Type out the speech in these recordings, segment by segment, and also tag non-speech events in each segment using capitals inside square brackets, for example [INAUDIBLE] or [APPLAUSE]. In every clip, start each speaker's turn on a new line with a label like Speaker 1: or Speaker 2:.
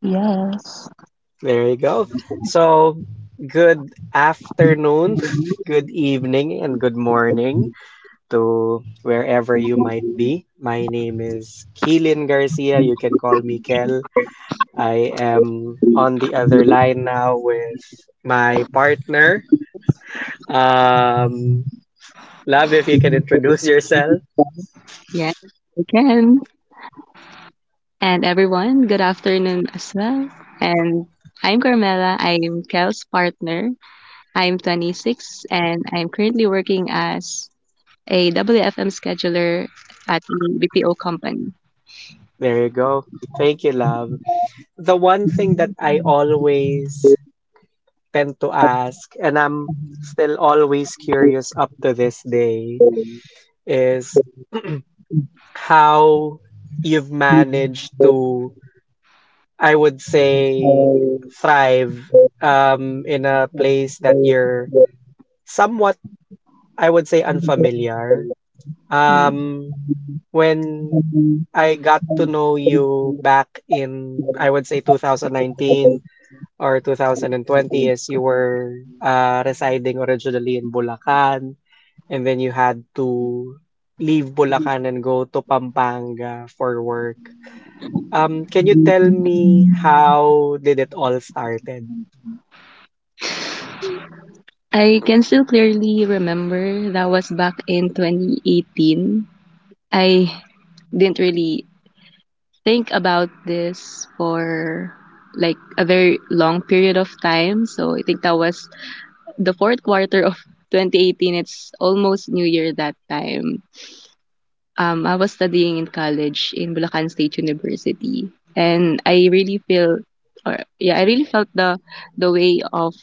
Speaker 1: Yes.
Speaker 2: There you go. So, good afternoon, [LAUGHS] good evening, and good morning to wherever you might be. My name is Keelan Garcia. You can call me Kel. I am on the other line now with my partner. Um, Love, if you can introduce yourself.
Speaker 1: Yes, we can. And everyone, good afternoon as well. And I'm Carmela. I'm Kel's partner. I'm 26 and I'm currently working as a WFM scheduler at a BPO company.
Speaker 2: There you go. Thank you, love. The one thing that I always tend to ask, and I'm still always curious up to this day, is how you've managed to, I would say, thrive in a place that you're somewhat, I would say, unfamiliar.
Speaker 1: Mm.
Speaker 2: Um, when I got to know you back in, I would say, 2019 or 2020, as you were residing originally in Bulacan. And then you had to leave Bulacan and go to Pampanga for work. Can you tell me how did it all started?
Speaker 1: I can still clearly remember that was back in 2018. I didn't really think about this for like a very long period of time. So I think that was the fourth quarter of [LAUGHS] 2018. It's almost New Year that time. I was studying in college in Bulacan State University, and I really feel, or yeah, I really felt the way of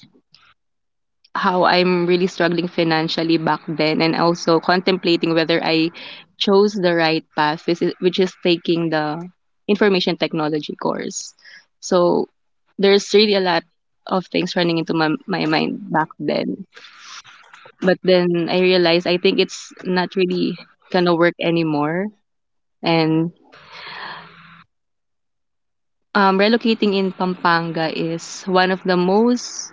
Speaker 1: how I'm really struggling financially back then, and also contemplating whether I chose the right path, which is taking the information technology course. So there's really a lot of things running into my mind back then. But then I realized I think it's not really gonna work anymore. And relocating in Pampanga is one of the most,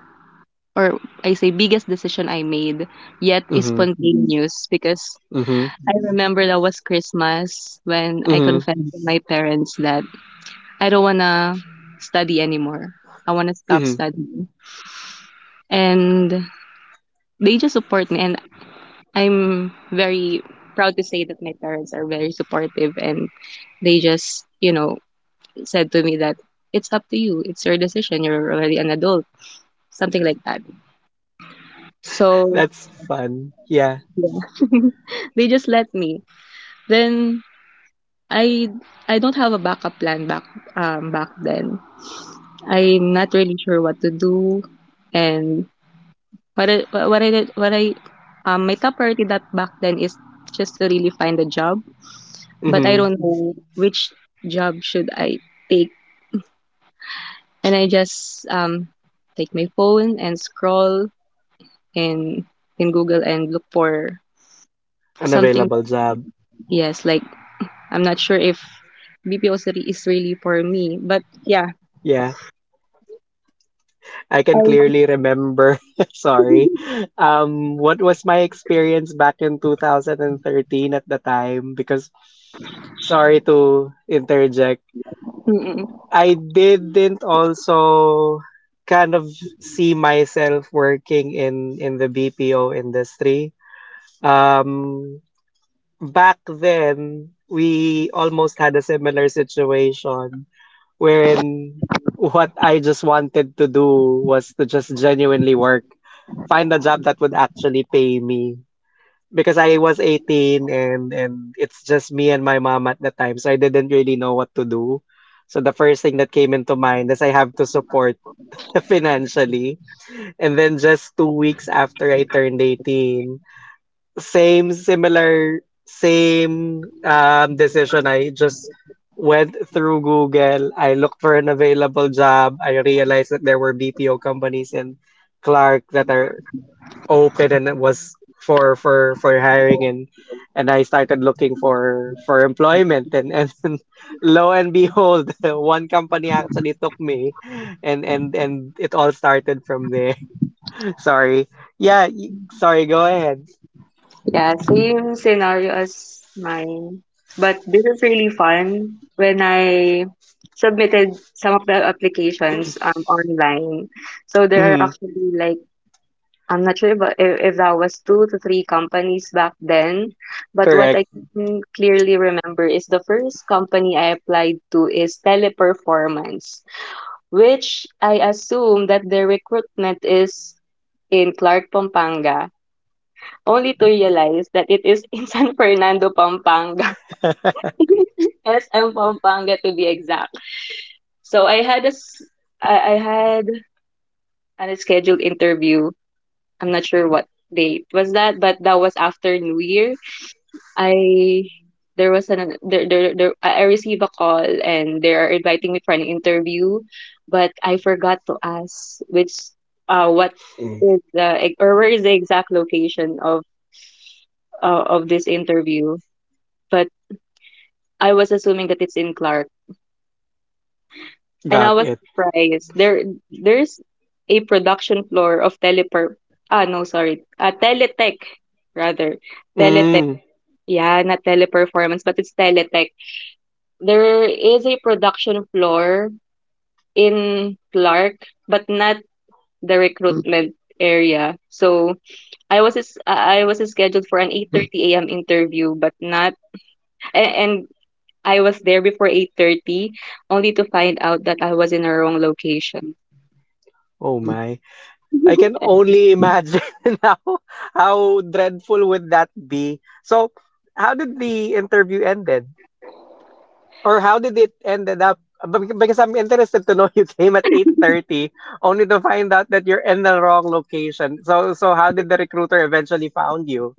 Speaker 1: or I say biggest decision I made, yet is
Speaker 2: Mm-hmm.
Speaker 1: spontaneous because
Speaker 2: Mm-hmm.
Speaker 1: I remember that was Christmas when I
Speaker 2: Mm-hmm.
Speaker 1: confessed to my parents that I don't wanna study anymore. I wanna stop
Speaker 2: Mm-hmm.
Speaker 1: studying. And they just support me and I'm very proud to say that my parents are very supportive and they just, said to me that it's up to you, it's your decision, you're already an adult, something like that.
Speaker 2: [LAUGHS]
Speaker 1: So,
Speaker 2: That's fun. Yeah.
Speaker 1: yeah, they just let me. Then I I don't have a backup plan back then. I'm not really sure what to do and what I did, what I my top priority that back then is just to really find a job but I
Speaker 2: Mm-hmm.
Speaker 1: don't know which job should I take. And I just take my phone and scroll in in Google and look for
Speaker 2: An
Speaker 1: something.
Speaker 2: available job.
Speaker 1: Yes, like I'm not sure if BPO city is really for me, but yeah,
Speaker 2: Yeah. I can
Speaker 1: I
Speaker 2: clearly remember. [LAUGHS] Sorry. What was my experience back in 2013 at the time? Because sorry to interject,
Speaker 1: mm-mm.
Speaker 2: I didn't also kind of see myself working in the BPO industry. Um, Back then, we almost had a similar situation wherein what I just wanted to do was to just genuinely work, find a job that would actually pay me because I was 18 and it's just me and my mom at the time, so I didn't really know what to do. So the first thing that came into mind is I have to support [LAUGHS] financially. And then just 2 weeks after I turned 18, same decision. I just went through Google. I looked for an available job. I realized that there were BPO companies in Clark that are open and it was for hiring and I started looking for employment and [LAUGHS] lo and behold, [LAUGHS] one company actually took me and it all started from there. [LAUGHS] Sorry. Go ahead.
Speaker 1: Yeah, same scenario as mine. But this is really fun when I submitted some of the applications online. So there are
Speaker 2: Mm,
Speaker 1: actually like I'm not sure but if that was two to three companies back then, but what
Speaker 2: correct.
Speaker 1: I
Speaker 2: [LAUGHS]
Speaker 1: can clearly remember is the first company I applied to is Teleperformance, which I assume that their recruitment is in Clark, Pampanga, only to realize that it is in [LAUGHS] San Fernando, Pampanga, [LAUGHS] SM Pampanga to be exact. So I had a scheduled interview. I'm not sure what date was that, but that was after New Year. I there was an there, there there I received a call and they are inviting me for an interview, but I forgot to ask which what
Speaker 2: Mm.
Speaker 1: is the e- or where is the exact location of this interview. But I was assuming that it's in Clark, and I
Speaker 2: Got
Speaker 1: was
Speaker 2: it.
Speaker 1: surprised. There's a production floor of telepur ah no sorry teletech, rather, teletech,
Speaker 2: Mm,
Speaker 1: yeah, not teleperformance but it's teletech. There is a production floor in Clark, but not the recruitment area. So I was scheduled for an 8:30 a.m. interview, but not a- and I was there before 8:30 only to find out that I was in a wrong location.
Speaker 2: oh my. I can
Speaker 1: [LAUGHS]
Speaker 2: only imagine [LAUGHS] how how dreadful would that be. So how did the interview ended or how did it ended up? Because I'm interested to know, [LAUGHS] you came at 8:30 only to find out that you're in the wrong location. So how did the recruiter eventually found you?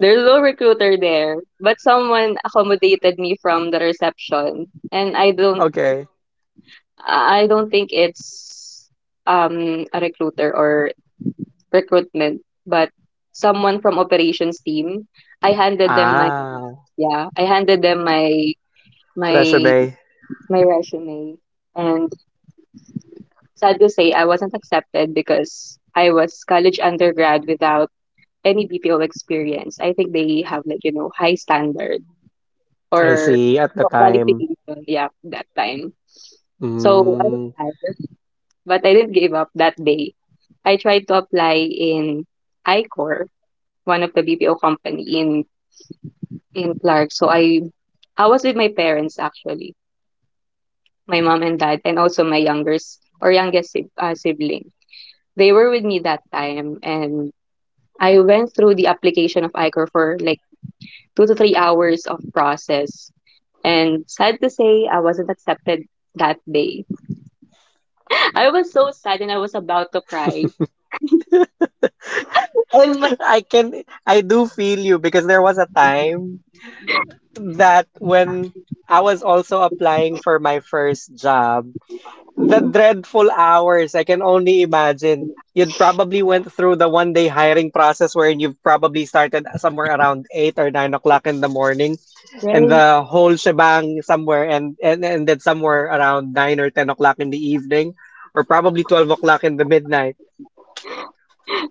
Speaker 1: There's no recruiter there, but someone accommodated me from the reception, and I don't
Speaker 2: Okay.
Speaker 1: I don't think it's a recruiter or recruitment, but someone from operations team. I handed them my
Speaker 2: Ah,
Speaker 1: yeah, I handed them my my
Speaker 2: resume.
Speaker 1: my resume and sad to say I wasn't accepted because I was college undergrad without any BPO experience. I think they have like, high standard
Speaker 2: I
Speaker 1: or
Speaker 2: see at the time.
Speaker 1: qualification, yeah, that time. So I was
Speaker 2: Mm.
Speaker 1: sad, but I didn't give up that day. I tried to apply in ICOR, one of the BPO company in Clark. So I was with my parents actually, my mom and dad, and also my youngest sibling. They were with me that time, and I went through the application of ICOR for like 2 to 3 hours of process. And sad to say, I wasn't accepted that day. [LAUGHS] I was so sad and I was about to cry. All my
Speaker 2: I do feel you because there was a time that when I was also applying for my first job. The dreadful hours, I can only imagine. You'd probably went through the one day hiring process wherein you've probably started somewhere around 8 or 9 o'clock in the morning and
Speaker 1: friends.
Speaker 2: the whole shebang somewhere and ended somewhere around 9 or 10 o'clock in the evening or probably 12 o'clock in the midnight.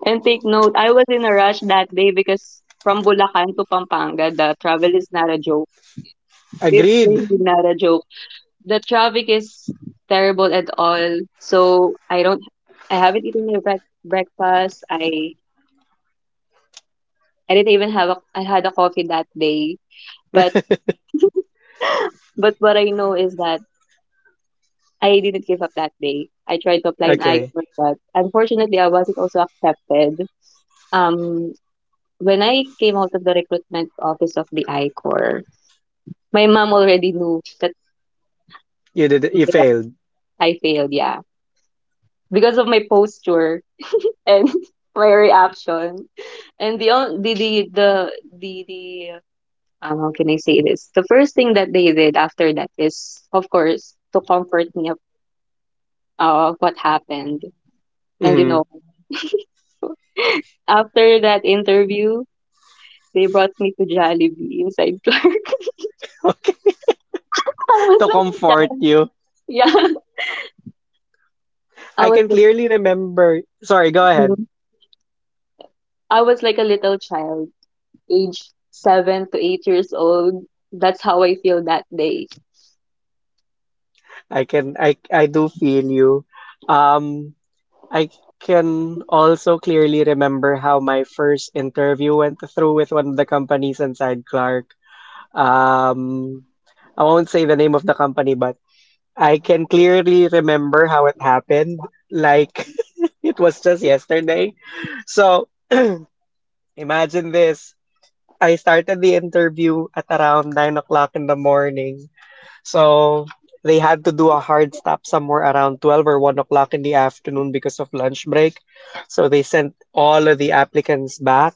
Speaker 1: And take note, I was in a rush that day because from Bulacan to Pampanga, the travel is not a joke. It's
Speaker 2: Agreed.
Speaker 1: really not a joke. The traffic is terrible at all. So I haven't eaten my breakfast. I didn't even have a, I had a coffee that day. But but what I know is that I didn't give up that day. I tried to apply in
Speaker 2: Okay.
Speaker 1: ICON, but unfortunately, I wasn't also accepted. Um, when I came out of the recruitment office of the ICOR, my mom already knew that
Speaker 2: You failed.
Speaker 1: I failed. Yeah, because of my posture and [LAUGHS] my reaction. And the on- the the how can I say this? The first thing that they did after that is, of course, to comfort me of what happened. And
Speaker 2: Hmm.
Speaker 1: after that interview, they brought me to Jollibee inside Clark.
Speaker 2: [LAUGHS] Okay.
Speaker 1: [LAUGHS] I was
Speaker 2: To
Speaker 1: like a
Speaker 2: comfort
Speaker 1: child.
Speaker 2: you.
Speaker 1: Yeah, I
Speaker 2: I
Speaker 1: was
Speaker 2: can
Speaker 1: like,
Speaker 2: clearly remember. Sorry, go ahead.
Speaker 1: mhm. I was like a little child, age 7 to 8 years old. That's how I feel that day.
Speaker 2: I do feel you. Um I can also clearly remember how my first interview went through with one of the companies inside Clark. Um, I won't say the name of the company, but I can clearly remember how it happened. Like [LAUGHS] it was just yesterday. So imagine this. I started the interview at around 9 o'clock in the morning. So they had to do a hard stop somewhere around 12 or 1 o'clock in the afternoon because of lunch break. So they sent all of the applicants back.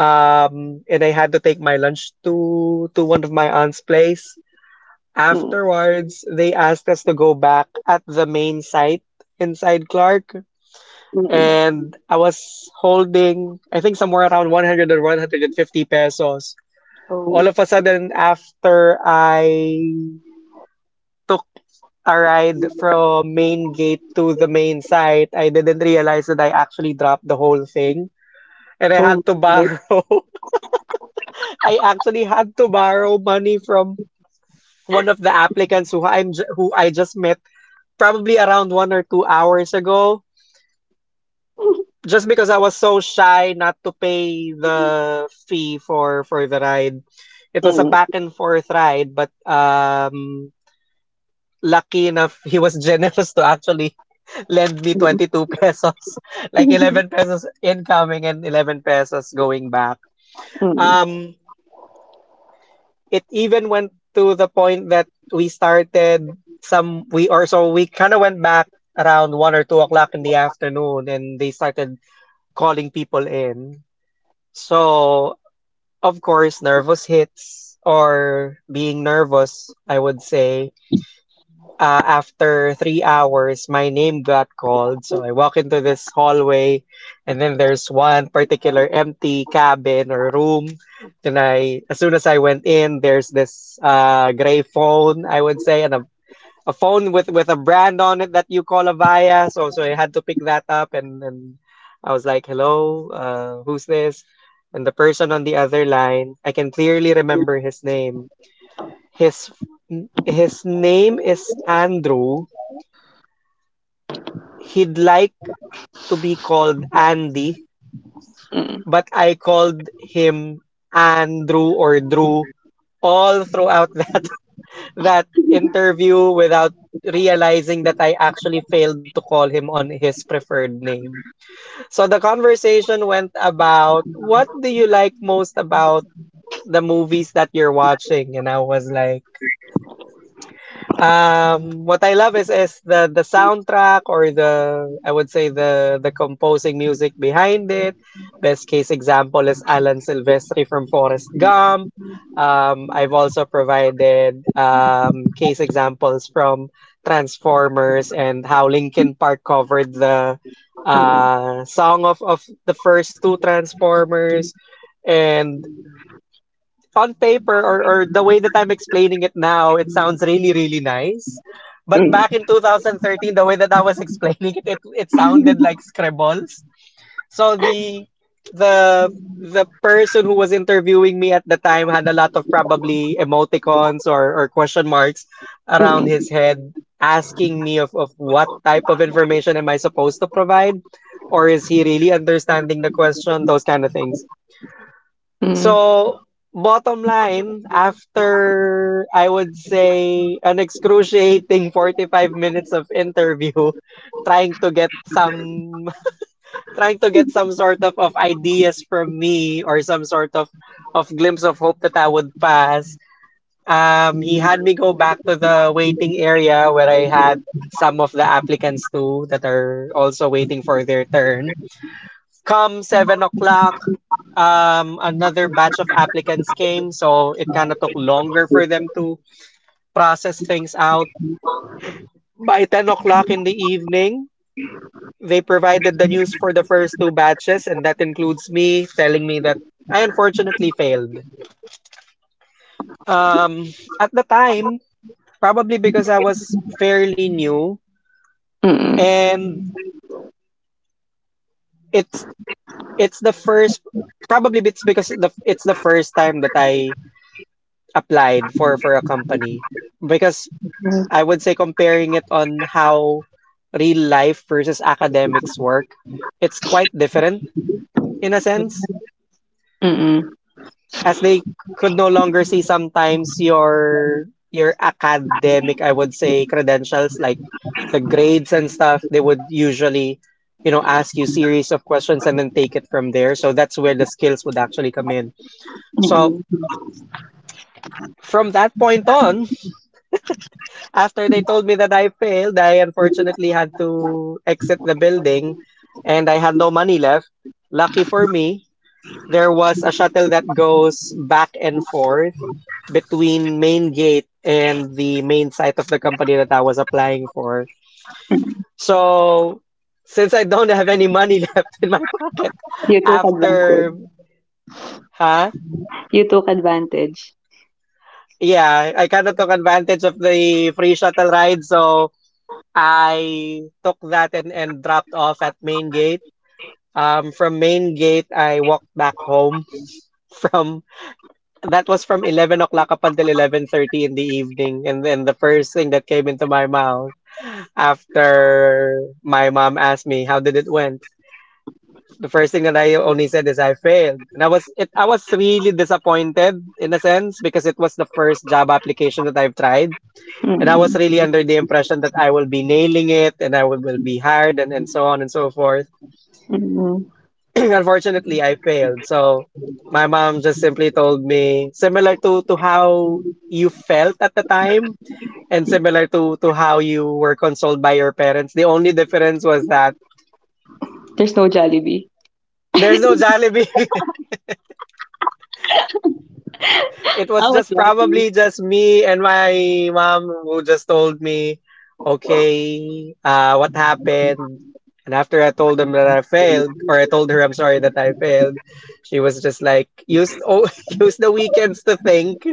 Speaker 2: And I had to take my lunch to one of my aunt's place.
Speaker 1: Mm,
Speaker 2: Afterwards, they asked us to go back at the main site inside Clark.
Speaker 1: mm, mm.
Speaker 2: And I was holding, I think somewhere around 100 or 150 pesos. All
Speaker 1: Oh,
Speaker 2: of a sudden, after I took. A ride from main gate to the main site, I didn't realize that I actually dropped the whole thing. And I
Speaker 1: oh
Speaker 2: had to
Speaker 1: my.
Speaker 2: borrow, [LAUGHS] I actually had to borrow money from one of the applicants who who I just met probably around 1 or 2 hours ago, just because I was so shy not to pay the fee for the ride. It was a
Speaker 1: Mm.
Speaker 2: back and forth ride, but lucky enough, [LAUGHS] he was generous to actually lend me
Speaker 1: Mm,
Speaker 2: 22 pesos, [LAUGHS]
Speaker 1: [LAUGHS]
Speaker 2: like
Speaker 1: mm,
Speaker 2: 11 pesos incoming and 11 pesos going back.
Speaker 1: mm,
Speaker 2: Um, it even went to the point that we started some, we or so we kind of went back around 1 or 2 o'clock in the afternoon and they started calling people in. So, of course, nervous hits or being nervous, I would say after 3 hours, my name got called. So I walk into this hallway, and then there's one particular empty cabin or room. Then I, as soon as I went in, there's this gray phone, I would say, and a phone with a brand on it that you call a Avaya. So, I had to pick that up, and, I was like, hello, who's this? And the person on the other line, I can clearly remember his name. His his name is Andrew. He'd like to be called Andy,
Speaker 1: mm,
Speaker 2: but I called him Andrew or Drew all throughout [LAUGHS] that interview without realizing that I actually failed to call him on his preferred name. So the conversation went about what do you like most about the movies that you're watching? And I was like, what I love is the soundtrack, or the, I would say, the composing music behind it. Best case example is Alan Silvestri from Forrest Gump. I've also provided case examples from Transformers and how Linkin Park covered the song of the first two Transformers. And on paper, or the way that I'm explaining it now, it sounds really, really nice. But
Speaker 1: mm,
Speaker 2: back in 2013, the way that I was [LAUGHS] explaining it, it sounded like scribbles. So the the person who was interviewing me at the time had a lot of probably emoticons, or question marks around his
Speaker 1: mm,
Speaker 2: head, asking me of what type of information am I supposed to provide? Or is he really understanding the question? Those kind of things. So, bottom line, after I would say an excruciating [LAUGHS] 45 minutes of interview, [LAUGHS] trying to get some [LAUGHS] trying to get some sort of ideas from me, or some sort of glimpse of hope that I would pass, he had me go back to the waiting area where I had some of the applicants too that are also waiting for their turn. Come 7 o'clock, another batch of applicants came, so it kind of took longer for them to process things out. By 10 o'clock in the evening, they provided the news for the first two batches, and that includes me, telling me that I unfortunately failed. Um, at the time, probably because I was fairly new,
Speaker 1: mm, mm,
Speaker 2: and it's it's the first, probably it's the first time that I applied for a company, because I would say comparing it on how real life versus academics work, it's quite different in a sense,
Speaker 1: mm,
Speaker 2: as they could no longer see sometimes your academic, I would say, credentials like the grades and stuff. They would usually, you know, ask you series of questions and then take it from there. So that's where the skills would actually come in. So
Speaker 1: mm.
Speaker 2: from that point on, after they told me that I failed, I unfortunately had to exit the building and I had no money left. Lucky for me, there was a shuttle that goes back and forth between main gate and the main site of the company that I was applying for. So, since I don't have any money [LAUGHS] left in my pocket
Speaker 1: You took advantage.
Speaker 2: after, huh?
Speaker 1: You took advantage.
Speaker 2: Yeah, I kind of took advantage of the free shuttle ride, so I took that and, dropped off at main gate. From main gate, I walked back home [LAUGHS] from that was from 11 o'clock up until 11:30 in the evening. And then the first thing that came into my mouth after my mom asked me how did it went, the first thing that I only said is I failed. And I was really disappointed in a sense because it was the first job application that I've tried. And I was
Speaker 1: Mm,
Speaker 2: really under the impression that I will be nailing it and will be hired and so on and so forth.
Speaker 1: mm.
Speaker 2: [CLEARS THROAT] Unfortunately, I failed. So my mom just simply told me, similar to how you felt at the time and similar to how you were consoled by your parents. The only difference was that
Speaker 1: There's no Jollibee.
Speaker 2: there's no Jollibee. [LAUGHS] It
Speaker 1: I
Speaker 2: was
Speaker 1: was
Speaker 2: just
Speaker 1: lucky.
Speaker 2: probably just me and my mom who just told me, okay, "What happened?" And after I told them that I failed, or I told her I'm sorry that I failed, she was just like, [LAUGHS] "Use the weekends to think.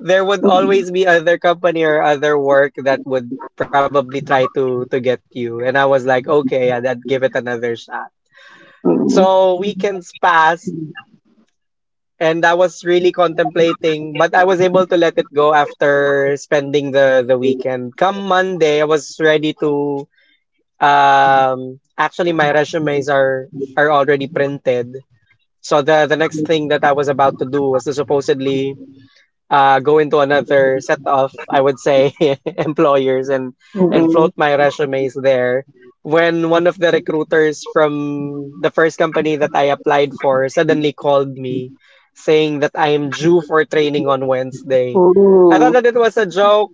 Speaker 2: There would
Speaker 1: Mm,
Speaker 2: always be other company or other work that would probably try to get you." And I was like, okay, I'd give it another shot.
Speaker 1: mm, mm.
Speaker 2: So weekends passed and I was really contemplating, but I was able to let it go after spending the weekend. Come Monday, I was ready to actually. My resumes are already printed. So the next thing that I was about to do was to supposedly go into another set of, I would say, [LAUGHS] employers and
Speaker 1: Ooh,
Speaker 2: float my resumes there. When one of the recruiters from the first company that I applied for suddenly called me saying that I am due for training on Wednesday, I thought that it was a joke.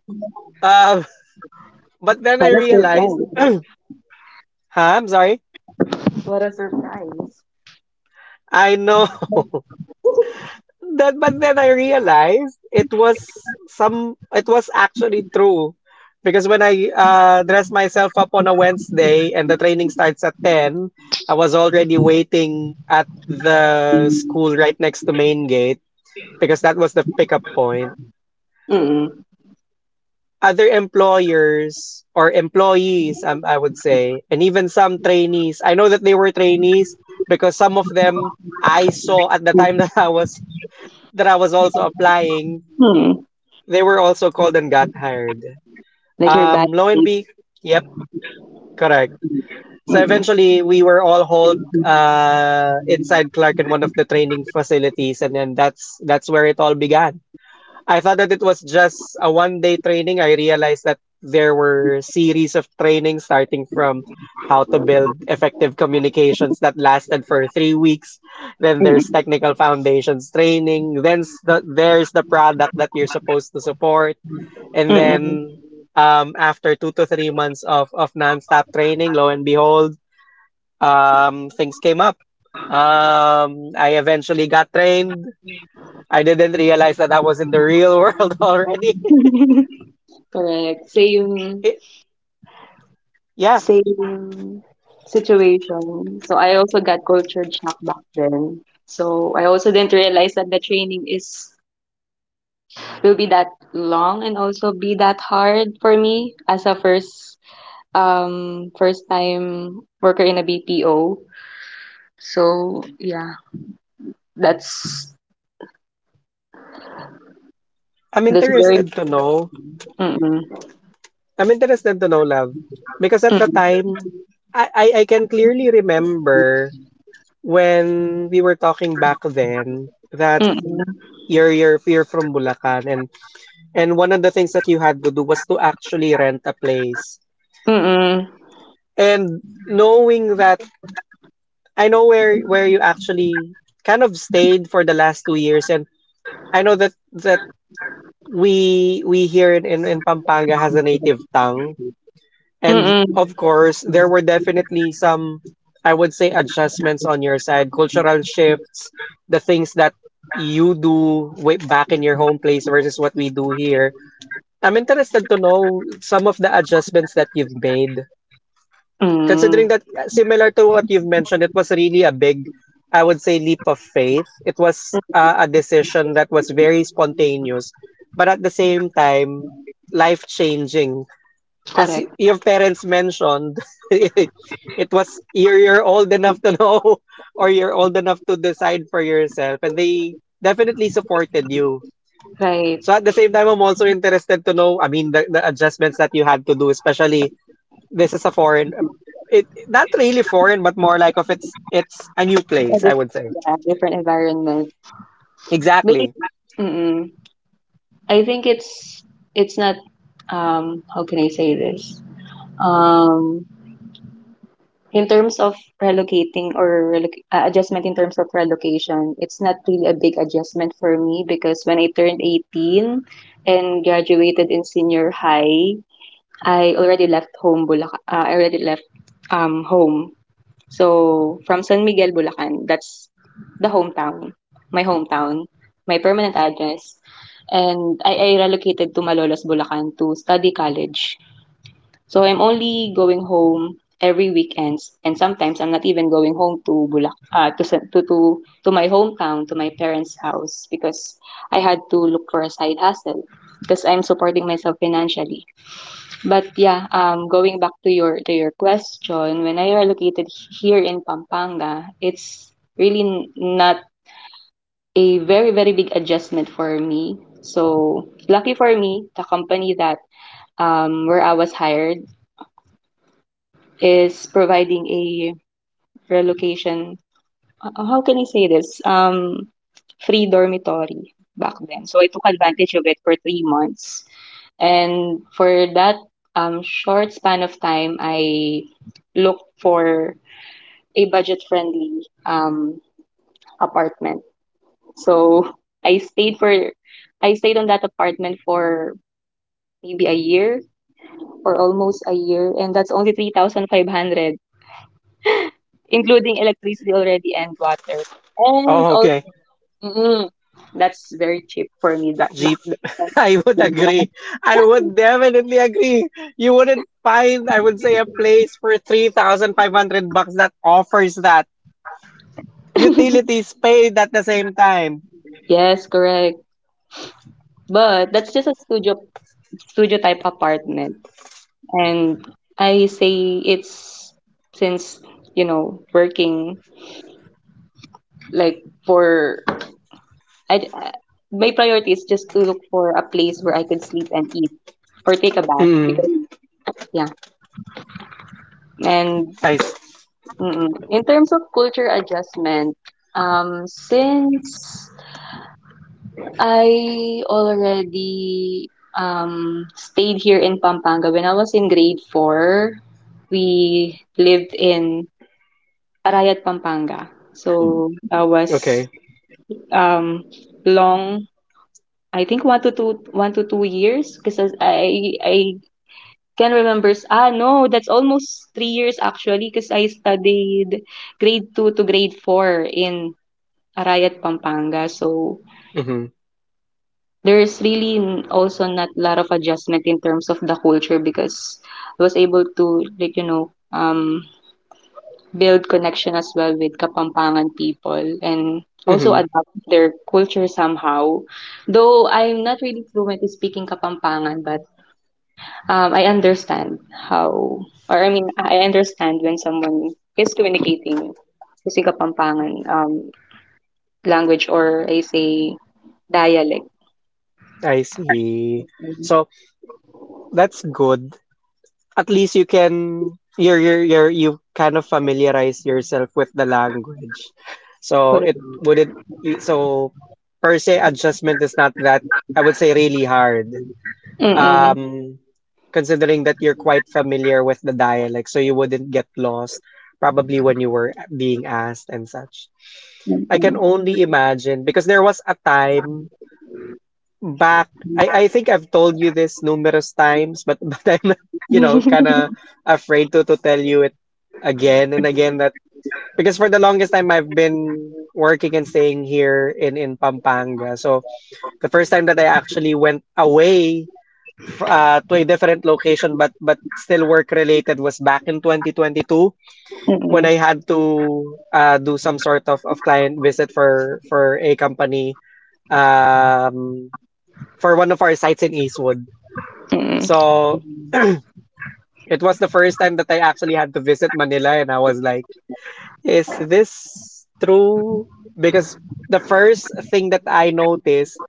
Speaker 2: Um, [LAUGHS] but then
Speaker 1: what
Speaker 2: I
Speaker 1: a
Speaker 2: realized,
Speaker 1: surprise.
Speaker 2: huh? I'm sorry.
Speaker 1: What a surprise.
Speaker 2: I know. [LAUGHS] That, but then I realized it was it was actually true. Because when I dress myself up on a Wednesday and the training starts at 10, I was already waiting at the school right next to main gate because that was the pickup point.
Speaker 1: Mm,
Speaker 2: Other employers or employees, I would say, and even some trainees, I know that they were trainees because some of them I saw at the time [LAUGHS]
Speaker 1: mm,
Speaker 2: that I was also applying.
Speaker 1: mm.
Speaker 2: They were also called and got hired.
Speaker 1: Like your bad.
Speaker 2: Lo and be, yep, correct. So
Speaker 1: Mm,
Speaker 2: eventually, we were all hauled inside Clark in one of the training facilities, and then that's where it all began. I thought that it was just a one-day training. I realized that there were series of training starting from how to build effective communications that lasted for 3 weeks. Then there's
Speaker 1: mm,
Speaker 2: technical foundations training. There's the product that you're supposed to support and
Speaker 1: mm.
Speaker 2: then after 2 to 3 months of nonstop training, lo and behold, things came up. I eventually got trained. I didn't realize that I was in the real [LAUGHS] world already.
Speaker 1: [LAUGHS] Correct. Same.
Speaker 2: It, yeah.
Speaker 1: Same situation. So I also got culture shock back then. So I also didn't realize that the training is will be that long and also be that hard for me as a first time worker in a BPO. So yeah, that's
Speaker 2: I'm
Speaker 1: that's very.
Speaker 2: interested to know.
Speaker 1: Mm-mm,
Speaker 2: I'm interested to know, love, because at the
Speaker 1: mm-mm,
Speaker 2: time, I can clearly remember when we were talking back then that
Speaker 1: mm-mm,
Speaker 2: you're from Bulacan. And one of the things that you had to do was to actually rent a place.
Speaker 1: mm-mm,
Speaker 2: And knowing that I know where you actually kind of stayed for the last 2 years, and I know that we here in Pampanga has a native tongue. And
Speaker 1: mm-mm,
Speaker 2: of course there were definitely some, I would say, adjustments on your side, cultural shifts, the things that you do way back in your home place versus what we do here. I'm interested to know some of the adjustments that you've made,
Speaker 1: mm,
Speaker 2: considering that similar to what you've mentioned, it was really a big, I would say, leap of faith. It was a decision that was very spontaneous, but at the same time, life changing.
Speaker 1: correct,
Speaker 2: Your parents mentioned, [LAUGHS] it was you're old enough to know [LAUGHS] or you're old enough to decide for yourself, and they definitely supported you.
Speaker 1: right.
Speaker 2: So at the same time, I'm also interested to know, I mean, the adjustments that you had to do, especially this is a foreign, it not really foreign, but more like of it's a new
Speaker 1: Yeah,
Speaker 2: place, I would say.
Speaker 1: different environment. Maybe,
Speaker 2: Exactly.
Speaker 1: mm-mm. I think it's not how can I say this, um in terms of relocating or adjustment in terms of relocation it's not really a big adjustment for me because when I turned 18 and graduated in senior high, I already left home. So from San Miguel, Bulacan, that's the hometown, my permanent address. And I relocated to Malolos, Bulacan to study college. So I'm only going home every weekends, and sometimes I'm not even going home to Bulac, to, San- to my hometown, to my parents' house because I had to look for a side hustle because I'm supporting myself financially. But yeah, going back to your question, when I relocated here in Pampanga, it's really not a very very big adjustment for me. So lucky for me, the company that where I was hired is providing a relocation. How can I say this? Free dormitory back then. So I took advantage of it for 3 months. And for that short span of time, I looked for a budget friendly apartment. So I stayed for I stayed on that apartment for maybe a year or almost a year, and that's only 3,500, including electricity already and water. And
Speaker 2: Oh,
Speaker 1: also,
Speaker 2: okay.
Speaker 1: mm, that's very cheap for me that back
Speaker 2: Jeep.
Speaker 1: then.
Speaker 2: [LAUGHS] I would agree. I would definitely agree. You wouldn't find, I would say, a place for 3,500 bucks that offers that.
Speaker 1: Yeah.
Speaker 2: Utilities paid at the same time.
Speaker 1: [LAUGHS] Yes, correct. But that's just a studio type apartment. And I say it's since, working like for, I, I- my priority is just to look for a place where I can sleep and eat or take a bath
Speaker 2: Mm,
Speaker 1: because, yeah. And
Speaker 2: I s-
Speaker 1: in terms of culture adjustment, since I already stayed here in Pampanga when I was in grade four, we lived in Arayat, Pampanga. So
Speaker 2: Okay.
Speaker 1: um long, I think one to two years because I can remember s- ah no, that's almost 3 years actually because I studied grade two to grade four in Arayat, Pampanga. So
Speaker 2: Mm-hmm.
Speaker 1: there's really also not a lot of adjustment in terms of the culture because I was able to like build connection as well with Kapampangan people and also
Speaker 2: Mm-hmm.
Speaker 1: adapt their culture somehow. Though I'm not really fluent in speaking Kapampangan, but I understand how, or I mean, I understand when someone is communicating using Kapampangan language or I say dialect.
Speaker 2: I see. So, that's good. At least you're, you kind of familiarize yourself with the language. So
Speaker 1: Correct.
Speaker 2: it wouldn't e- so per se adjustment is not that, I would say, really hard.
Speaker 1: Mm-mm.
Speaker 2: Um Considering that you're quite familiar with the dialect so you wouldn't get lost probably when you were being asked and such. I can
Speaker 1: Mm-mm.
Speaker 2: only imagine because there was a time back. I think I've told you this numerous times, but [LAUGHS] but I'm, you know, kinda afraid to tell you it again and again that because for the longest time I've been working and staying here in Pampanga. So the first time that I actually went away to a different location but still work related was back in 2022 when
Speaker 1: Mm-mm.
Speaker 2: I had to do some sort of client visit for a company. Um, for one of our sites in Eastwood. So [CLEARS THROAT] it was the first time that I actually had to visit Manila, and I was like, is this true? Because the first thing that I noticed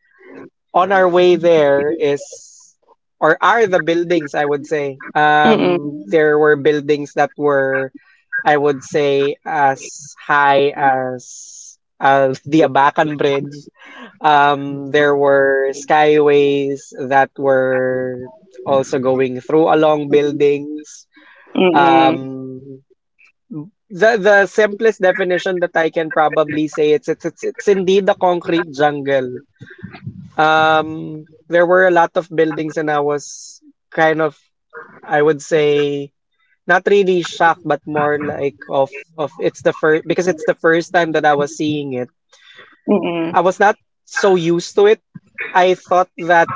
Speaker 2: on our way there is, or are the buildings, I would say.
Speaker 1: Mm-mm.
Speaker 2: There were buildings that were, I would say, as high as the Abacan Bridge. There were skyways that were also going through along buildings.
Speaker 1: Mm-mm. Mm-mm.
Speaker 2: Um, the simplest definition that I can probably say it's it's indeed a concrete jungle. There were a lot of buildings, and I was kind of, I would say, not really shocked, but more like of it's the first because it's the first time that I was seeing it.
Speaker 1: Mm-mm.
Speaker 2: I was not so used to it. I thought that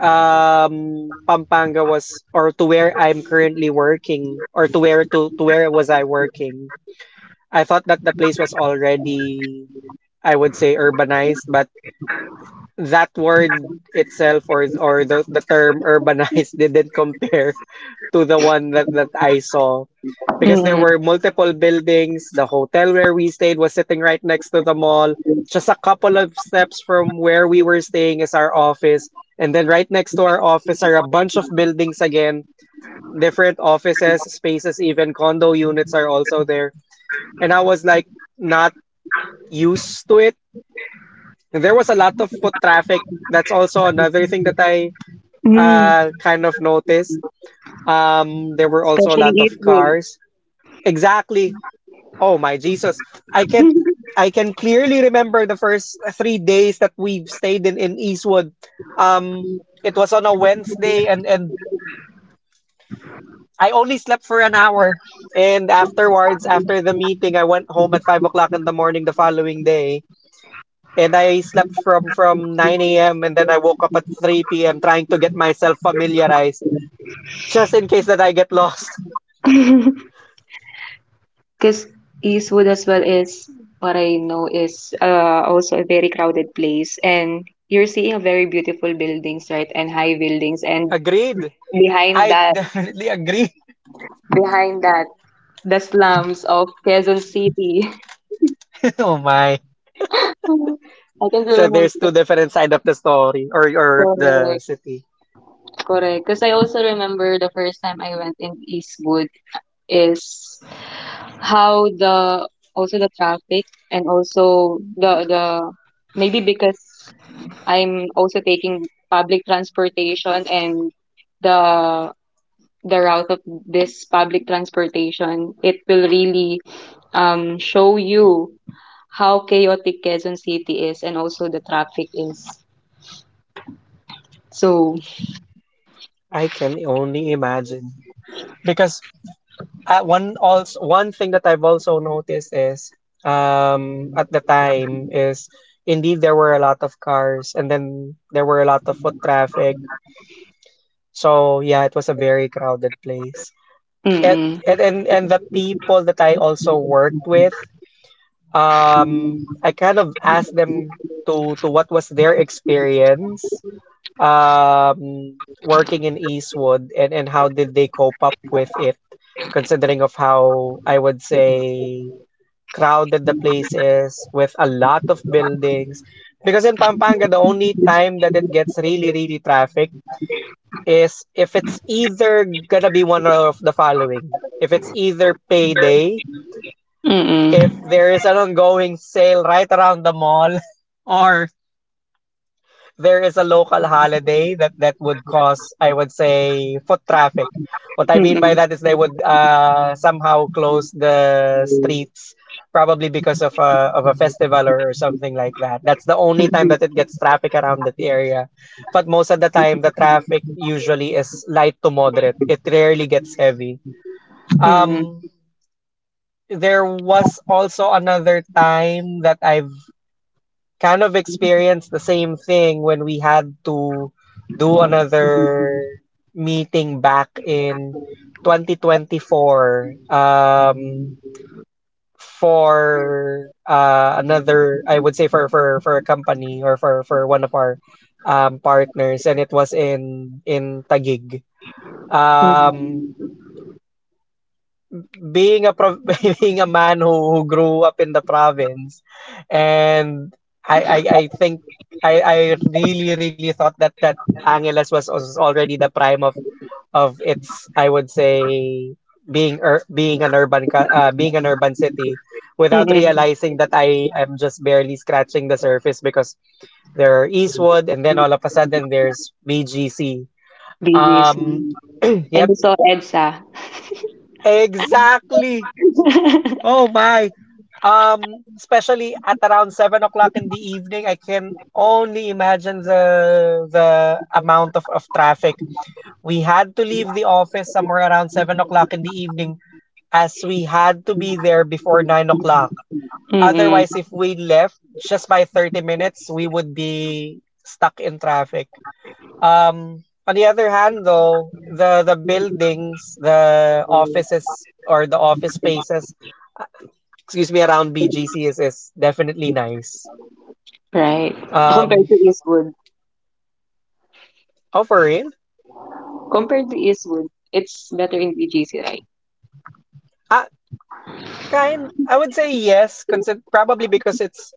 Speaker 2: Pampanga was, or to where I'm currently working, or to where was I working. I thought that the place was already, I would say, urbanized, but that word itself or the term urbanized [LAUGHS] didn't compare to the one that I saw because there
Speaker 1: Mm-mm.
Speaker 2: were multiple buildings. The hotel where we stayed was sitting right next to the mall. Just a couple of steps from where we were staying is our office. And then right next to our office are a bunch of buildings again, different offices, spaces, even condo units are also there. And I was like not used to it. There was a lot of foot traffic. That's also another thing that I
Speaker 1: Mm.
Speaker 2: kind of noticed. There were also a
Speaker 1: Especially
Speaker 2: lot of
Speaker 1: if food.
Speaker 2: cars. Exactly. Oh my Jesus. I can
Speaker 1: [LAUGHS]
Speaker 2: I can clearly remember the first 3 days that we've stayed in Eastwood. Um it was on a Wednesday and I only slept for an hour. And afterwards, after the meeting, I went home at 5 o'clock in the morning the following day. And I slept from 9 AM and then I woke up at 3 PM trying to get myself familiarized just in case that I get lost.
Speaker 1: Because Eastwood as well is what I know is also a very crowded place, and you're seeing a very beautiful buildings, right, and high buildings,
Speaker 2: [LAUGHS]
Speaker 1: and
Speaker 2: Agreed.
Speaker 1: behind
Speaker 2: I [LAUGHS]
Speaker 1: that,
Speaker 2: definitely agree.
Speaker 1: behind that, the slums of Quezon City. [LAUGHS]
Speaker 2: [LAUGHS] Oh my.
Speaker 1: I can still
Speaker 2: So
Speaker 1: remember.
Speaker 2: there's two different side of the story or
Speaker 1: Correct,
Speaker 2: the city.
Speaker 1: correct. Because I also remember the first time I went in Eastwood is how the also the traffic and also the maybe because I'm also taking public transportation and the the route of this public transportation, it will really show you how chaotic Quezon City is and also the traffic is. So,
Speaker 2: I can only imagine because one also one thing that I've also noticed is at the time is indeed there were a lot of cars and then there were a lot of foot traffic. So yeah, it was a very crowded place.
Speaker 1: mm-mm,
Speaker 2: And the people that I also worked with, I kind of asked them to what was their experience working in Eastwood, and how did they cope up with it, considering of how, I would say, crowded the place is with a lot of buildings. Because in Pampanga, the only time that it gets really, really traffic is if it's either gonna be one of the following. If it's either payday, if
Speaker 1: mm-mm,
Speaker 2: there is an ongoing sale right around the mall, [LAUGHS] or there is a local holiday that that would cause, I would say, foot traffic. What I mean by
Speaker 1: mm-mm,
Speaker 2: that is they would somehow close the streets, probably because of a festival, or something like that. That's the only time that it gets traffic around that area. But most of the time, the traffic usually is light to moderate. It rarely gets heavy.
Speaker 1: mm-mm,
Speaker 2: Um, there was also another time that I've kind of experienced the same thing when we had to do another meeting back in 2024, for another, I would say for, for a company, or for one of our partners, and it was in Tagig. Um,
Speaker 1: mm-mm,
Speaker 2: being a pro- [LAUGHS] being a man who grew up in the province and I think I really really thought that Angeles was already the prime of its, I would say, being an urban city without
Speaker 1: mm-mm,
Speaker 2: realizing that I am just barely scratching the surface because there are Eastwood and then all of a sudden there's BGC
Speaker 1: BGC.
Speaker 2: um [CLEARS THROAT]
Speaker 1: And
Speaker 2: yep
Speaker 1: you saw EDSA.
Speaker 2: exactly.
Speaker 1: [LAUGHS]
Speaker 2: Oh my. Especially at around 7 o'clock in the evening, I can only imagine the amount of traffic. We had to leave the office somewhere around 7 o'clock in the evening, as we had to be there before 9 o'clock.
Speaker 1: Mm-mm,
Speaker 2: Otherwise, if we left just by 30 minutes, we would be stuck in traffic. On the other hand, though, the buildings, the offices or the office spaces, excuse me, around BGC is definitely nice.
Speaker 1: right. Compared
Speaker 2: Um,
Speaker 1: to Eastwood.
Speaker 2: oh, for real?
Speaker 1: Compared to Eastwood, it's better in BGC, right?
Speaker 2: Uh, Kind, I would say yes, probably because it's,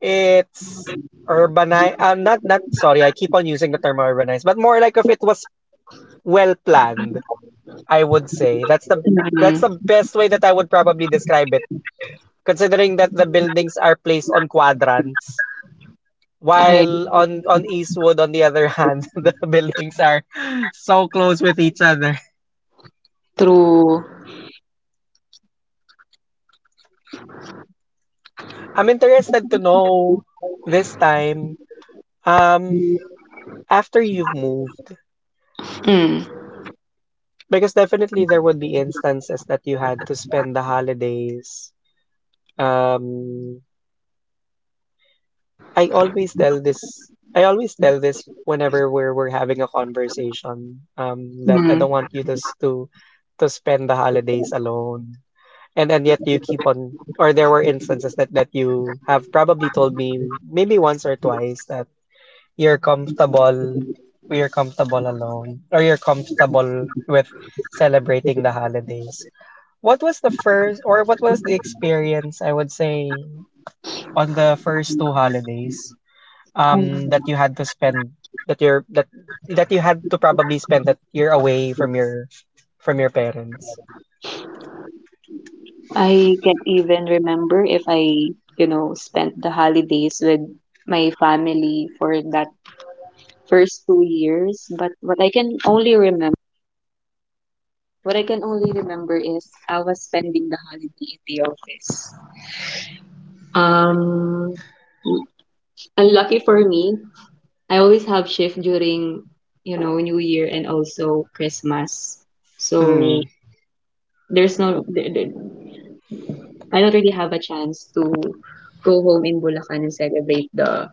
Speaker 2: it's urbanized, not, not, sorry, I keep on using the term urbanized, but more like if it was well planned, I would say. That's
Speaker 1: Mm-mm,
Speaker 2: the best way that I would probably describe it, considering that the buildings are placed on quadrants.
Speaker 1: right.
Speaker 2: While
Speaker 1: Mm-hmm.
Speaker 2: on Eastwood, on the other hand, [LAUGHS] the buildings are so close with each other.
Speaker 1: Through,
Speaker 2: I'm interested to know this time, um, after you've moved,
Speaker 1: mm.
Speaker 2: because definitely there would be instances that you had to spend the holidays. Um, I always tell this, I always tell this whenever we're having a conversation, that I don't
Speaker 1: Mm.
Speaker 2: want you to s- to spend the holidays alone. And yet you keep on, or there were instances that you have probably told me maybe once or twice. You're comfortable you're comfortable alone, or you're comfortable with celebrating the holidays. What was the first, or what was the experience, I would say, on the first two holidays, that you had to spend, that you're that that you had to probably spend, that you're away from your parents.
Speaker 1: I can't even remember if I, spent the holidays with my family for that first 2 years. But what I can only remember is I was spending the holiday in the office. Um, Unlucky for me, I always have shift during, New Year and also Christmas. So
Speaker 2: Mm.
Speaker 1: there's no there, there- I don't really have a chance to go home in Bulacan and celebrate the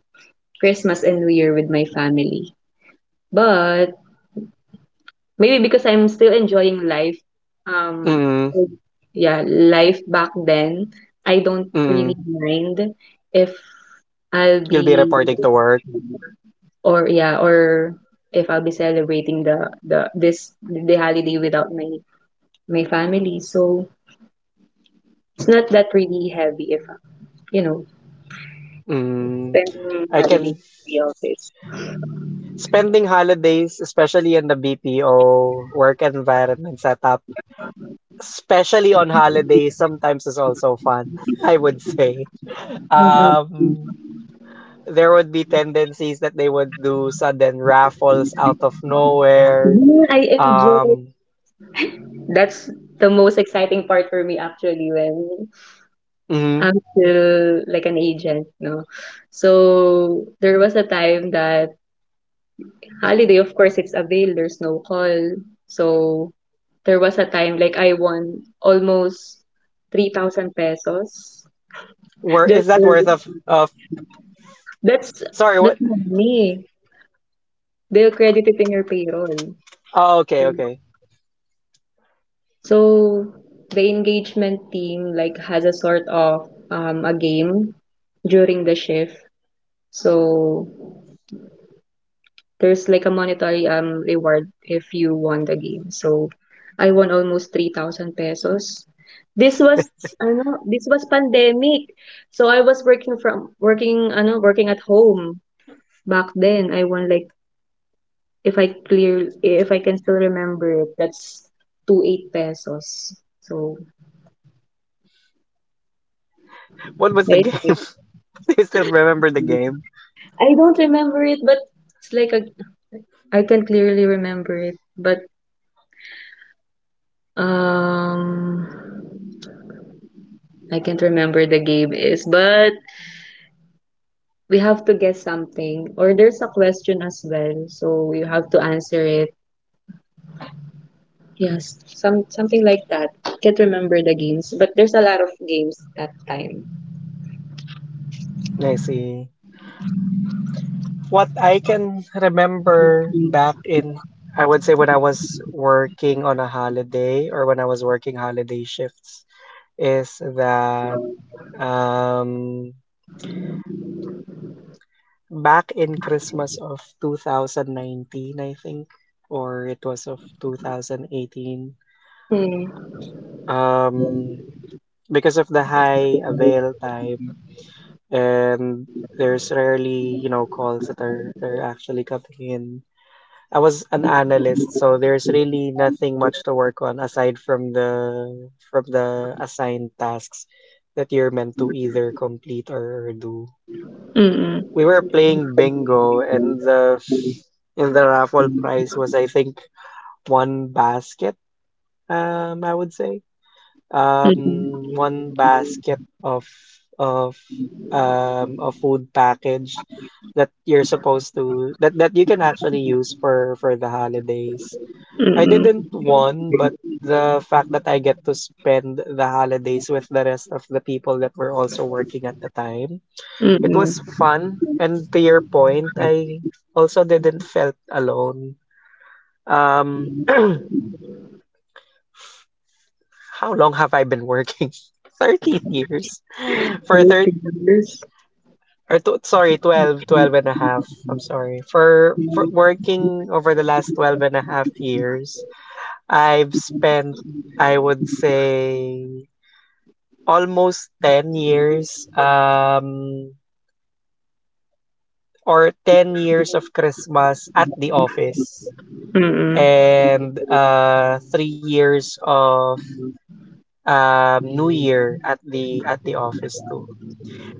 Speaker 1: Christmas and New Year with my family. But maybe because I'm still enjoying life, um,
Speaker 2: Mm.
Speaker 1: yeah, life back then, I don't really
Speaker 2: Mm.
Speaker 1: mind if I'll
Speaker 2: You'll be
Speaker 1: be
Speaker 2: reporting to work.
Speaker 1: or yeah or if I'll be celebrating the holiday without my family. So it's not that really heavy if you know
Speaker 2: Mm.
Speaker 1: spending
Speaker 2: I can
Speaker 1: holiday in the office.
Speaker 2: Spending holidays, especially in the BPO work environment setup, especially on holidays, sometimes is also fun, [LAUGHS] I would say. Um, there would be tendencies that they would do sudden raffles out of nowhere.
Speaker 1: Yeah, I enjoy.
Speaker 2: Um,
Speaker 1: That's the most exciting part for me actually when
Speaker 2: mhm.
Speaker 1: I'm still like an agent, no? So there was a time that holiday, of course, it's avail, there's no call. So there was a time like I won almost 3,000 pesos. [LAUGHS]
Speaker 2: Is
Speaker 1: Just
Speaker 2: that worth of,
Speaker 1: for-
Speaker 2: of,
Speaker 1: that's
Speaker 2: sorry,
Speaker 1: that's
Speaker 2: what?
Speaker 1: money. They'll credit it in your payroll.
Speaker 2: Oh, okay, okay.
Speaker 1: So the engagement team like has a sort of a game during the shift. So there's like a monetary reward if you won the game. So I won almost 3,000 pesos. This was this was pandemic. So I was working from working at home back then. I won like if I can still remember it, that's 28 pesos. So
Speaker 2: What was the
Speaker 1: I
Speaker 2: game? [LAUGHS] Do you still remember the game?
Speaker 1: I don't remember it, but it's like a, I can clearly remember it, but um, I can't remember the game is. But we have to guess something, or there's a question as well, so you have to answer it. Yes, something like that. Can't remember the games, but there's a lot of games that time.
Speaker 2: I see. What I can remember back in, I would say, when I was working on a holiday or when I was working holiday shifts, is that, um, back in Christmas of 2019, I think, or it was of 2018,
Speaker 1: Mm.
Speaker 2: um, because of the high avail time, and there's rarely calls that are actually coming in. I was an analyst, so there's really nothing much to work on aside from the assigned tasks that you're meant to either complete or do.
Speaker 1: Mm-mm.
Speaker 2: We were playing bingo and the raffle prize was, I think, one basket, I would say.
Speaker 1: Mm-mm.
Speaker 2: One basket of of a food package that you're supposed to that you can actually use for the holidays. I didn't
Speaker 1: Mm-mm.
Speaker 2: want, but the fact that I get to spend the holidays with the rest of the people that were also working at the time, it
Speaker 1: Mm-mm.
Speaker 2: was fun. And to your point, I also didn't felt alone. Um, how long have I been working? [LAUGHS] 13 years. For
Speaker 1: Eight
Speaker 2: thir
Speaker 1: fingers.
Speaker 2: or to, sorry, twelve and a half. I'm sorry. For working over the last 12 and a half years, I've spent, I would say, almost 10 years or 10 years of Christmas at the office,
Speaker 1: Mm-mm.
Speaker 2: and 3 years of New Year at the office too.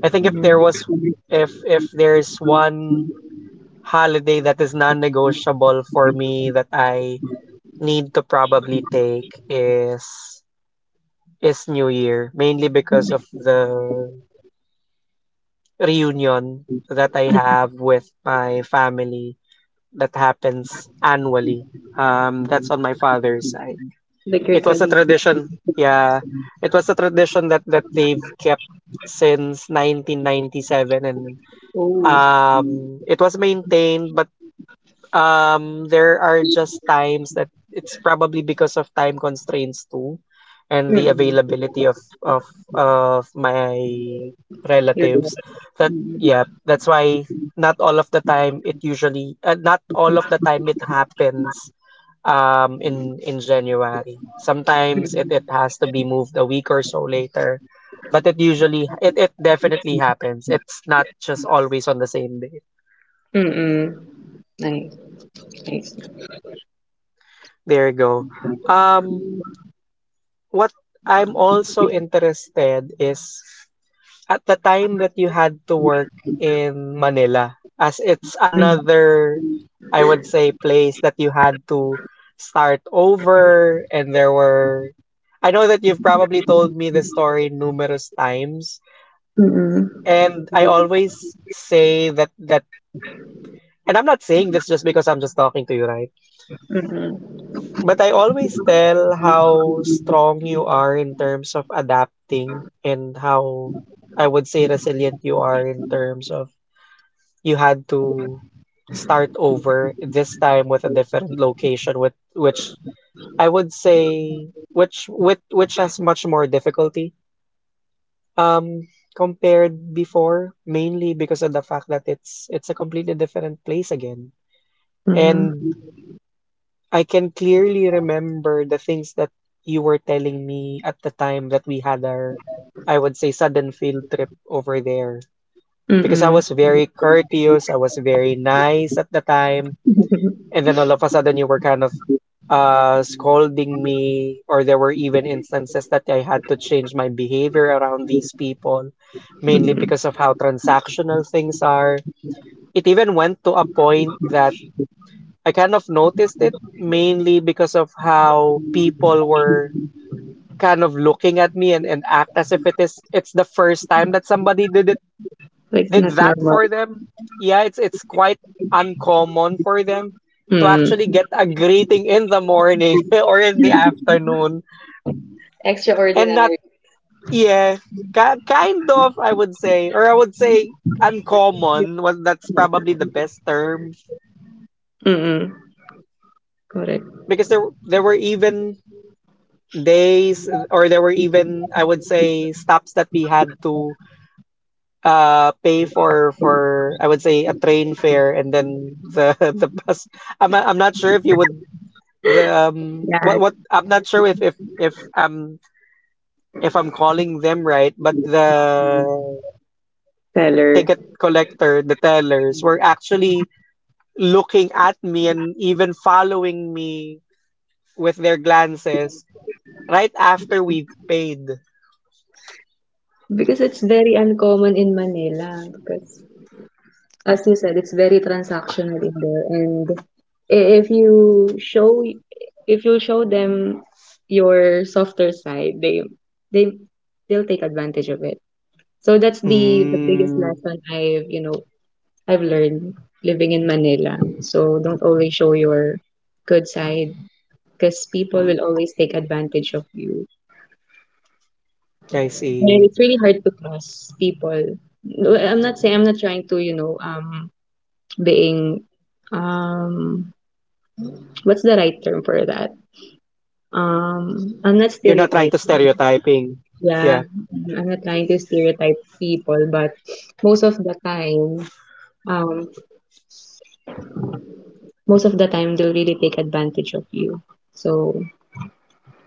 Speaker 2: I think if there
Speaker 1: Mm.
Speaker 2: was if if there's one holiday that is non-negotiable for me that I need to probably take is New Year, mainly because of the reunion that I have with my family that happens annually. That's on my father's side.
Speaker 1: Like your
Speaker 2: It was a
Speaker 1: tradition.
Speaker 2: tradition. Yeah, it was a tradition that they've kept since 1997, and
Speaker 1: Oh.
Speaker 2: it was maintained, but there are just times that it's probably because of time constraints too, and the
Speaker 1: Mm-mm.
Speaker 2: availability of of my
Speaker 1: Your
Speaker 2: relatives. That, yeah, that's why not all of the time it usually, not all of the time it happens in January. Sometimes it has to be moved a week or so later, but it definitely happens. It's not just always on the same day.
Speaker 1: mm-mm. Nice, nice.
Speaker 2: There you go. Um, what I'm also interested is at the time that you had to work in Manila, as it's
Speaker 1: Mm,
Speaker 2: another, I would say, place that you had to start over, and there were. I know that you've probably told me the story numerous times,
Speaker 1: mm-mm,
Speaker 2: and I always say that, and I'm not saying this just because I'm just talking to you, right?
Speaker 1: mm-mm,
Speaker 2: But I always tell how strong you are in terms of adapting, and how, I would say, resilient you are in terms of you had to start over this time with a different location, with which, I would say, which has much more difficulty um compared before, mainly because of the fact that it's a completely different place again. And
Speaker 1: mhm,
Speaker 2: I can clearly remember the things that you were telling me at the time that we had our, I would say, sudden field trip over there. Because I
Speaker 1: mm-mm.
Speaker 2: was very courteous, I was very nice at the time.
Speaker 1: [LAUGHS]
Speaker 2: And then all of a sudden you were kind of, scolding me, or there were even instances that I had to change my behavior around these people, mainly
Speaker 1: Mm,
Speaker 2: because of how transactional things are. It even went to a point that I kind of noticed it, mainly because of how people were kind of looking at me and, act as if it's the first time that somebody
Speaker 1: it's
Speaker 2: did
Speaker 1: not
Speaker 2: that
Speaker 1: normal.
Speaker 2: for them. Yeah, it's quite uncommon for them to actually
Speaker 1: Mm.
Speaker 2: get a greeting in the morning [LAUGHS] or in the afternoon, and not,
Speaker 1: Extraordinary.
Speaker 2: yeah, kind of, I would say, or I would say uncommon was, that's probably the best term,
Speaker 1: Mm-mm. Correct.
Speaker 2: because there were even. They s- or there were even, I would say, stops that we had to pay for, I would say, a train fare, and then the [LAUGHS] the bus. I'm not sure if you would, the
Speaker 1: Yeah,
Speaker 2: what I'm not sure if I'm calling them right, but the
Speaker 1: seller.
Speaker 2: ticket collector, the tellers were actually looking at me and even following me with their glances right after we paid.
Speaker 1: Because it's very uncommon in Manila because as you said, it's very transactional in there and i- if you show if you show them your softer side, they they they'll take advantage of it. So that's the biggest
Speaker 2: Mm.
Speaker 1: lesson I've learned living in Manila. So don't always show your good side because people will always take advantage of you.
Speaker 2: I
Speaker 1: And
Speaker 2: see.
Speaker 1: it's really hard to trust people. No, I'm not saying I'm not trying to, being um what's the right term for that? I'm not
Speaker 2: You're not trying to
Speaker 1: stereotyping.
Speaker 2: stereotyping.
Speaker 1: Yeah.
Speaker 2: Yeah.
Speaker 1: I'm not trying to stereotype people, but most of the time, um most of the time they'll really take advantage of you. So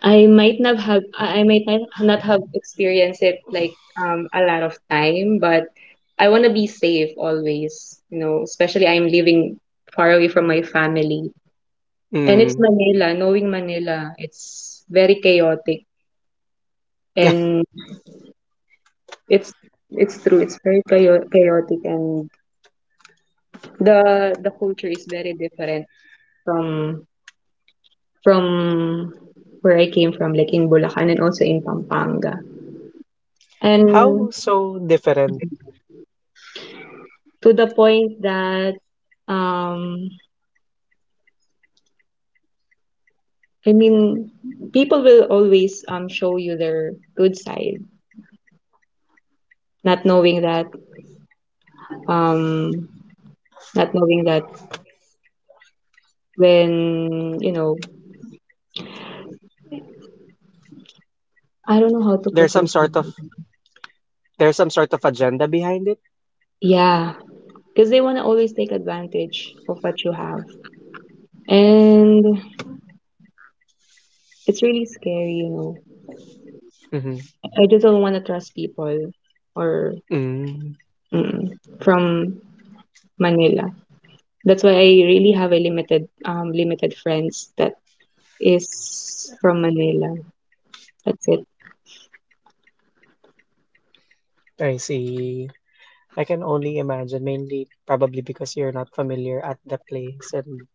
Speaker 1: I might not have experienced it like a lot of time, but I want to be safe always, especially I'm living far away from my family. And it's
Speaker 2: Mm.
Speaker 1: Manila, knowing Manila, it's very chaotic
Speaker 2: [LAUGHS]
Speaker 1: and it's it's true, it's very chaotic and the culture is very different from from where I came from like in Bulacan and also in Pampanga. And
Speaker 2: How so different?
Speaker 1: to the point that um I mean people will always show you their good side, not knowing that um not knowing that when I don't know how to
Speaker 2: There's some
Speaker 1: position
Speaker 2: sort of
Speaker 1: it.
Speaker 2: there's some sort of agenda behind it.
Speaker 1: Yeah, because they want to always take advantage of what you have, and it's really scary, you know.
Speaker 2: Mm-hmm.
Speaker 1: I just don't want to trust people or
Speaker 2: Mm.
Speaker 1: mm, from Manila. That's why I really have a limited limited friends that is from Manila. That's it.
Speaker 2: I see. I can only imagine, mainly probably because you're not familiar at the place, and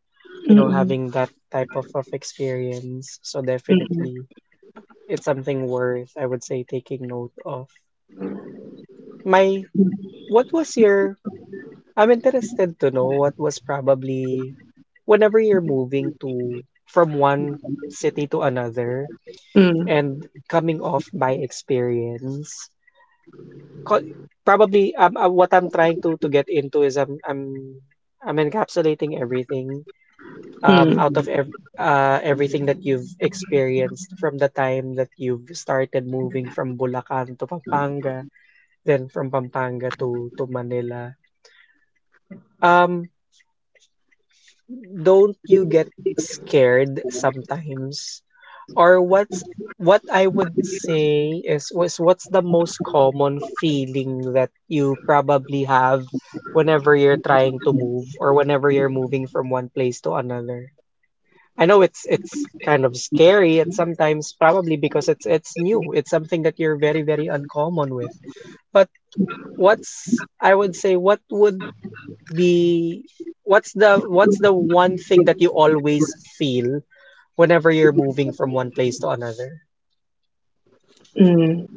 Speaker 1: Mm-mm,
Speaker 2: having that type of experience. So
Speaker 1: mm-mm,
Speaker 2: definitely, it's something worth, I would say, taking note of. My what was your I'm interested to know what was probably, whenever you're moving to, from one city to another,
Speaker 1: mm,
Speaker 2: and coming off by experience. co- Probably, what I'm trying to get into is, I'm encapsulating everything, out
Speaker 1: mm,
Speaker 2: of everything that you've experienced from the time that you've started moving from Bulacan to Pampanga, then from Pampanga to Manila. Um don't you get scared sometimes? Or what I would say is, was, what's the most common feeling that you probably have whenever you're trying to move, or whenever you're moving from one place to another? I know it's kind of scary at sometimes, probably because it's new. It's something that you're very, very uncommon with. But what's I would say what would be what's the one thing that you always feel whenever you're moving from one place to another?
Speaker 1: mm.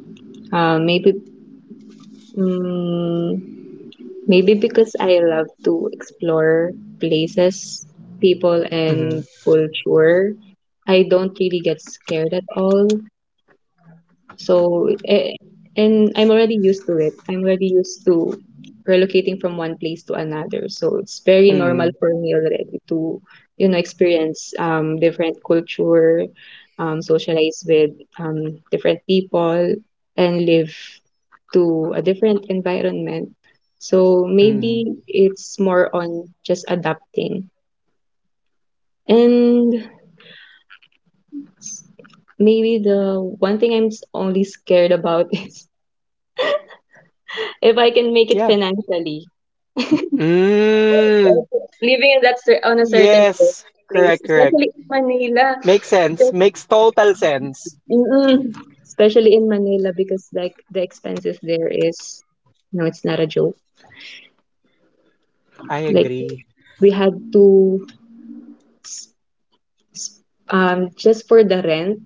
Speaker 1: Uh, maybe, mm, maybe because I love to explore places, people,
Speaker 2: Mm-hmm.
Speaker 1: and culture. I don't really get scared at all. So and I'm already used to it. I'm already used to relocating from one place to another. So it's very normal
Speaker 2: Mm.
Speaker 1: for me already to, experience different culture, socialize with different people and live to a different environment. So
Speaker 2: Mm.
Speaker 1: maybe it's more on just adapting. And maybe the one thing only scared about [LAUGHS] is if I can make it
Speaker 2: Yeah.
Speaker 1: financially.
Speaker 2: Mm,
Speaker 1: Living in that cer- on a certain
Speaker 2: yes.
Speaker 1: place,
Speaker 2: Correct, correct.
Speaker 1: especially in Manila.
Speaker 2: Makes sense.
Speaker 1: Just-
Speaker 2: Makes total sense.
Speaker 1: Mm-mm. Especially in Manila because like the expenses there is no, it's not a joke.
Speaker 2: I
Speaker 1: Like
Speaker 2: agree.
Speaker 1: we had to just for the rent.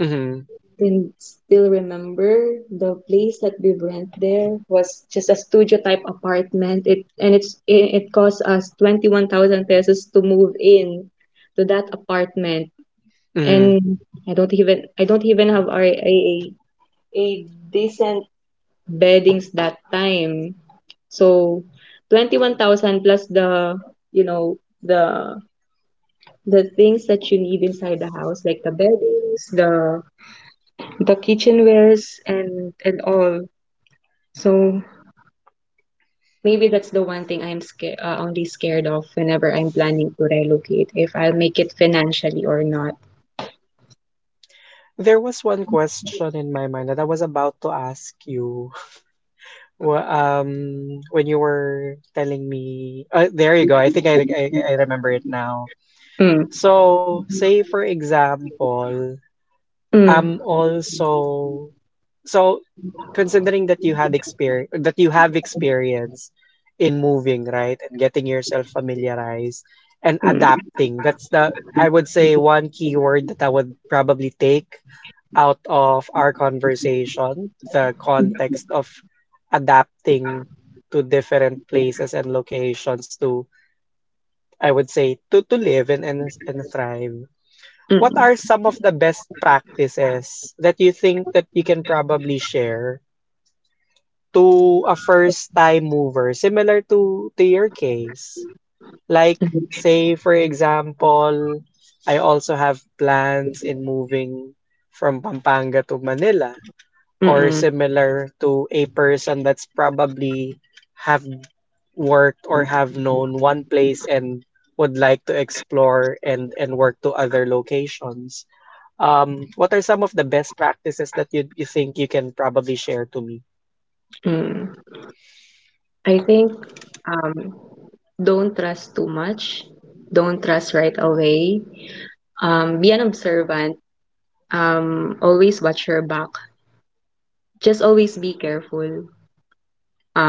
Speaker 2: Mm-hmm.
Speaker 1: Then still remember the place that we rent there was just a studio type apartment. It and it's it, it cost us 21,000 pesos to move in to that apartment
Speaker 2: Mm-hmm.
Speaker 1: and I don't even have a decent beddings that time. So 21,000 plus the you know the the things that you need inside the house like the beddings, the kitchenwares and all. So maybe that's the one thing I'm scared only scared of whenever I'm planning to relocate if I'll make it financially or not.
Speaker 2: There was one question in my mind that I was about to ask you. When you were telling me, there you go. I think I remember it now.
Speaker 1: Mm,
Speaker 2: So, say for example,
Speaker 1: mm,
Speaker 2: I'm also so considering that you had experience that you have experience in moving, right? And getting yourself familiarized and
Speaker 1: mm,
Speaker 2: adapting. That's the, I would say, one keyword that I would probably take out of our conversation, the context of adapting to different places and locations to, I would say, to live and thrive. What are
Speaker 1: mm,
Speaker 2: some of the best practices that you think that you can probably share to a first time mover similar to your case? Like
Speaker 1: mm,
Speaker 2: say for example, I also have plans in moving from Pampanga to Manila,
Speaker 1: mm,
Speaker 2: or
Speaker 1: mm.
Speaker 2: similar to a person that's probably have worked or have known one place and would like to explore and work to other locations, what are some of the best practices that you think you can probably share to me?
Speaker 1: Mm. I think um, don't trust too much. Don't trust right away. Be an observant. Always watch your back. Just always be careful.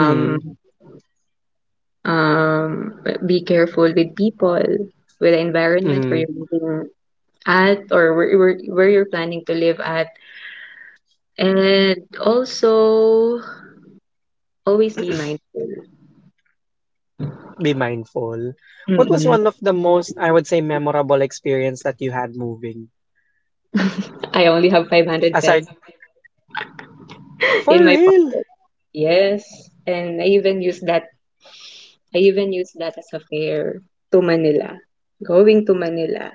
Speaker 2: Mm.
Speaker 1: um, be careful with people, with the environment where
Speaker 2: Mm,
Speaker 1: you're living at, or where you're planning to live at. And also, always be mindful.
Speaker 2: be mindful. What was
Speaker 1: Mm-mm.
Speaker 2: one of the most, I would say, memorable experience that you had moving?
Speaker 1: I only have 500 pesos
Speaker 2: Aside,
Speaker 1: [LAUGHS] in
Speaker 2: for
Speaker 1: my
Speaker 2: real?
Speaker 1: pocket. Yes. And I even used that as a fare to Manila, going to Manila.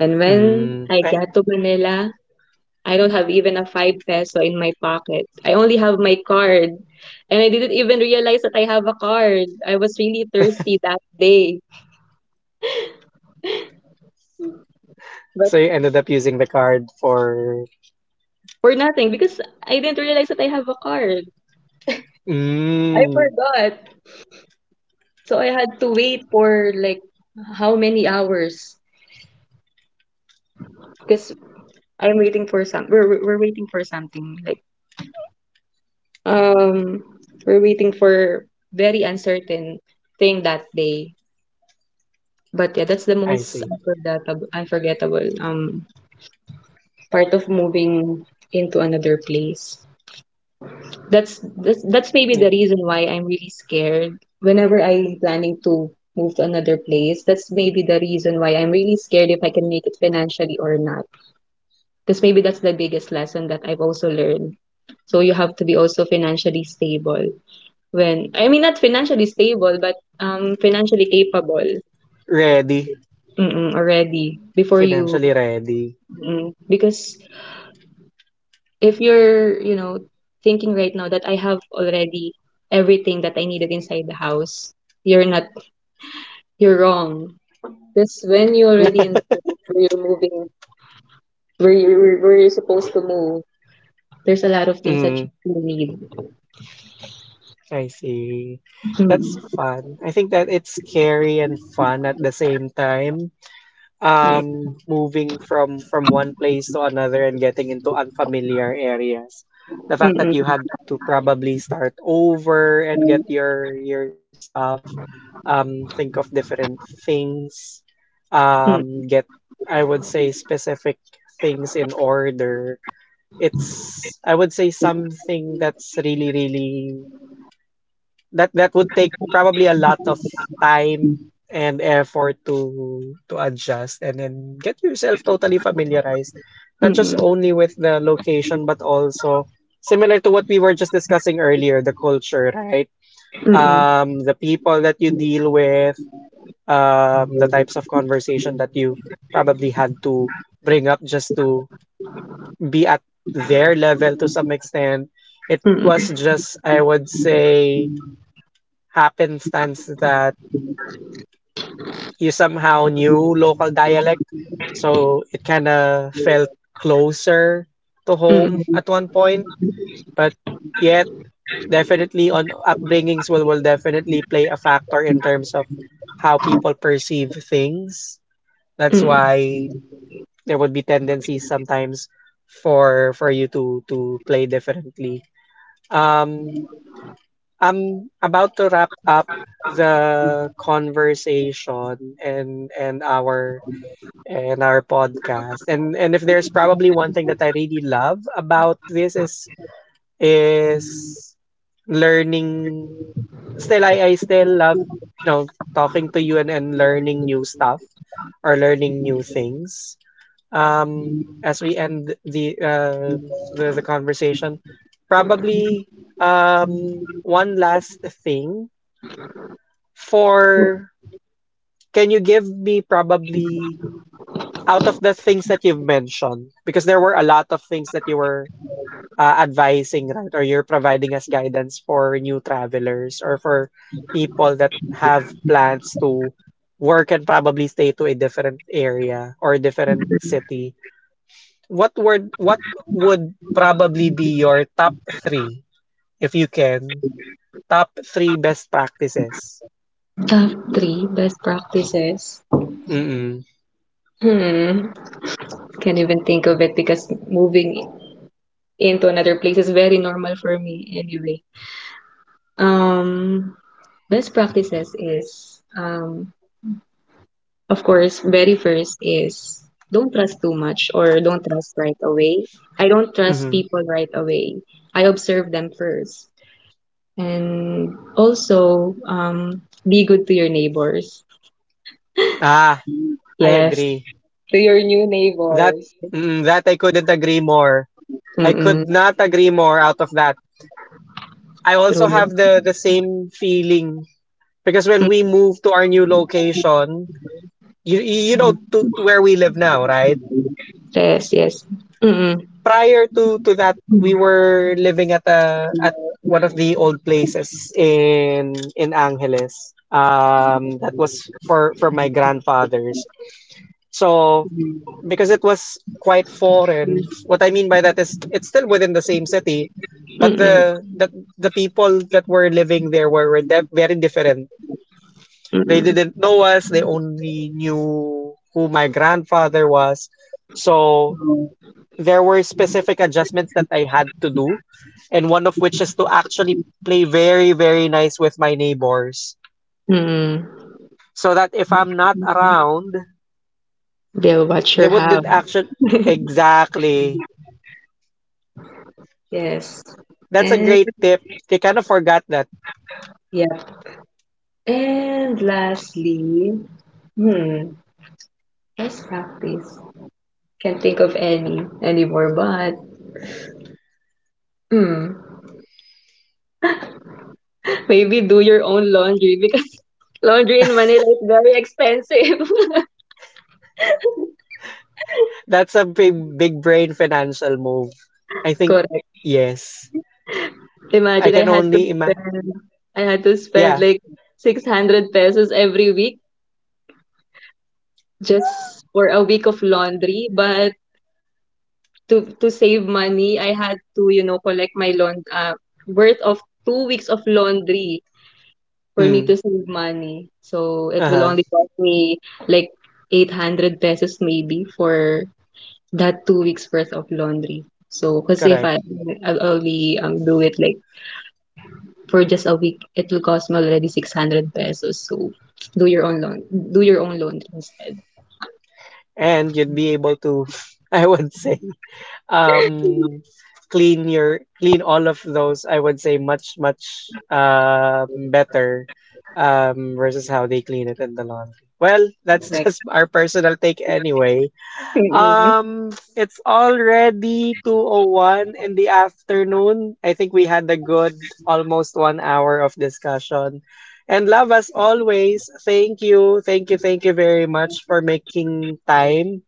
Speaker 1: And when
Speaker 2: Mm,
Speaker 1: I got to Manila, I don't have even a 5 peso in my pocket. I only have my card. And I didn't even realize that I have a card. I was really thirsty that day. But
Speaker 2: so you ended up using the card for,
Speaker 1: for nothing, because I didn't realize that I have a card. I
Speaker 2: mm,
Speaker 1: forgot. So I had to wait for like how many hours? Because I'm waiting for some. We're waiting for something like Um, we're waiting for very uncertain thing that day. But yeah, that's the
Speaker 2: I see.
Speaker 1: most unforgettable part of moving into another place. That's maybe
Speaker 2: Eh,
Speaker 1: the reason why I'm really scared. Whenever I'm planning to move to another place, that's maybe the reason why I'm really scared if I can make it financially or not. Because maybe that's the biggest lesson that I've also learned. So you have to be also financially stable when I mean not financially stable, but financially capable
Speaker 2: Ready,
Speaker 1: mm-mm, already before you
Speaker 2: financially ready.
Speaker 1: because if you're thinking right now that I have already everything that I needed inside the house, you're not you're wrong. Because when you already in
Speaker 2: [LAUGHS]
Speaker 1: the place where you're moving, where you're supposed to move, there's a lot of things that
Speaker 2: Mm,
Speaker 1: you still need.
Speaker 2: I see. That's
Speaker 1: Mm,
Speaker 2: fun. I think that it's scary and fun at the same time. Moving from one place to another and getting into unfamiliar areas, the fact that you
Speaker 1: mm-mm,
Speaker 2: had to probably start over and get your stuff, think of different things,
Speaker 1: mm,
Speaker 2: get, I would say, specific things in order. It's, I would say, something that's really, really that would take probably a lot of time and effort to adjust, and then get yourself totally familiarized, not just
Speaker 1: mm-mm,
Speaker 2: only with the location but also, similar to what we were just discussing earlier, the culture, right?
Speaker 1: mm-mm,
Speaker 2: The people that you deal with, the types of conversation that you probably had to bring up just to be at their level to some extent. It
Speaker 1: mm-mm,
Speaker 2: was just, I would say, happenstance that you somehow knew local dialect, so it kind of felt closer to home
Speaker 1: mm-mm,
Speaker 2: at one point. But yet, definitely on upbringings will definitely play a factor in terms of how people perceive things. That's
Speaker 1: mm.
Speaker 2: why there would be tendencies sometimes for you to play differently. Um, I'm about to wrap up the conversation and our podcast. And if there's probably one thing that I really love about this is is learning, still I, still love, you know, talking to you and, learning new stuff, or learning new things. As we end the conversation, probably one last thing for, can you give me, probably, out of the things that you've mentioned, because there were a lot of things that you were, advising, right? Or you're providing as guidance for new travelers, or for people that have plans to work and probably stay to a different area or a different city. What would probably be your top three, if you can, top three best practices?
Speaker 1: Top three best practices.
Speaker 2: Mm-mm.
Speaker 1: Hmm. Can't even think of it because moving into another place is very normal for me anyway. Um, Best practices is, of course, very first is don't trust too much or don't trust right away. I don't trust
Speaker 2: Mm-hmm.
Speaker 1: people right away. I observe them first. And also, be good to your neighbors.
Speaker 2: Ah, I
Speaker 1: Yes.
Speaker 2: agree.
Speaker 1: To your new
Speaker 2: That
Speaker 1: neighbors.
Speaker 2: mm, that I couldn't agree more. I could
Speaker 1: Mm-mm.
Speaker 2: not agree more out of that. I also
Speaker 1: True.
Speaker 2: have the same feeling, because when
Speaker 1: Mm,
Speaker 2: we moved to our new location, you know, to, where we live now, right?
Speaker 1: yes, yes. Mm-mm.
Speaker 2: Prior to that, we were living at a at one of the old places in Angeles. That was for my grandfather's. So, because it was quite foreign. What I mean by that is it's still within the same city, but
Speaker 1: Mm-mm.
Speaker 2: the people that were living there were, very different. They didn't know us. They only knew who my grandfather was. So there were specific adjustments that I had to do, and one of which is to actually play very, very nice with my neighbors,
Speaker 1: Mm-hmm.
Speaker 2: so that if I'm not around,
Speaker 1: They'll watch
Speaker 2: they
Speaker 1: your
Speaker 2: would
Speaker 1: house.
Speaker 2: not actually. Exactly.
Speaker 1: Yes.
Speaker 2: That's a
Speaker 1: And
Speaker 2: great tip. They kind of forgot that.
Speaker 1: yep. And lastly, hmm, best practice. Can't think of anymore, but hmm, maybe do your own laundry because [LAUGHS] laundry in Manila is very expensive.
Speaker 2: That's a big, big brain financial move.
Speaker 1: [LAUGHS]
Speaker 2: I think,
Speaker 1: Correct.
Speaker 2: yes. I
Speaker 1: Imagine
Speaker 2: can only imagine.
Speaker 1: I had to spend
Speaker 2: Yeah.
Speaker 1: like 600 pesos every week just for a week of laundry, but to save money, I had to collect my laund worth of 2 weeks of laundry for me
Speaker 2: Mm,
Speaker 1: to save money. So it will
Speaker 2: uh-huh.
Speaker 1: only cost me like 800 pesos maybe for that 2 weeks worth of laundry. So because if I
Speaker 2: Correct.
Speaker 1: I'll only do it like for just a week, it will cost me already 600 pesos. So do your own laundry instead.
Speaker 2: And you'd be able to, [LAUGHS] I would say, um, clean all of those, I would say, much, much, better, versus how they clean it in the laundry. Well, that's [LAUGHS]
Speaker 1: Correct.
Speaker 2: just our personal take anyway.
Speaker 1: Mm-mm.
Speaker 2: It's already 2:01 in the afternoon. I think we had a good almost one hour of discussion. And, love, as always, thank you, thank you, thank you very much for making time.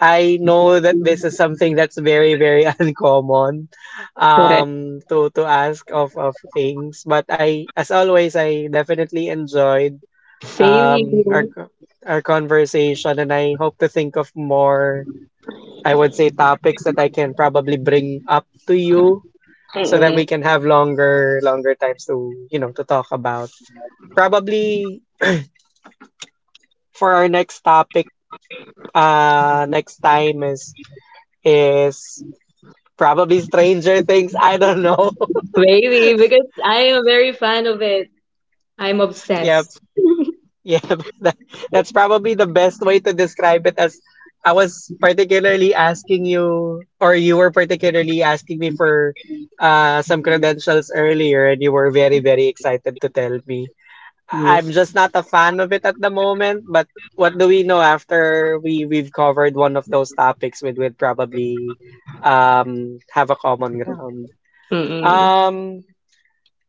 Speaker 2: I know that this is something that's very, very [LAUGHS] uncommon,
Speaker 1: Correct.
Speaker 2: to ask of things. But I, as always, I definitely enjoyed
Speaker 1: Same
Speaker 2: um our
Speaker 1: here.
Speaker 2: co- our conversation, and I hope to think of more, I would say, topics that I can probably bring up to you, so that
Speaker 1: Mm-mm.
Speaker 2: we can have longer, longer times to you know to talk about. Probably for our next topic, next time, is is probably Stranger Things. I don't know.
Speaker 1: Maybe because I am a very fan of it. I'm
Speaker 2: [LAUGHS] Yep.
Speaker 1: obsessed.
Speaker 2: Yep. [LAUGHS] That's probably the best way to describe it, as I was particularly asking you, or you were particularly asking me for, some credentials earlier, and you were very, very excited to tell me. Am
Speaker 1: Yes.
Speaker 2: just not a fan of it at the moment, but what do we know? After we've covered one of those topics, we would probably have a common ground.
Speaker 1: Mm-mm.
Speaker 2: Um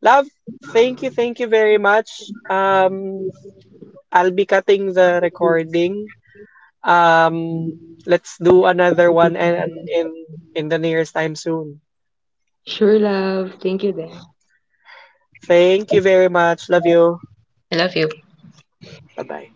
Speaker 2: Love, thank you very much. Um I'll be cutting the recording. Um let's do another one, and in the nearest time soon.
Speaker 1: Sure, love. Thank you, then.
Speaker 2: Thank you very much. Love you.
Speaker 1: I love you.
Speaker 2: Bye-bye.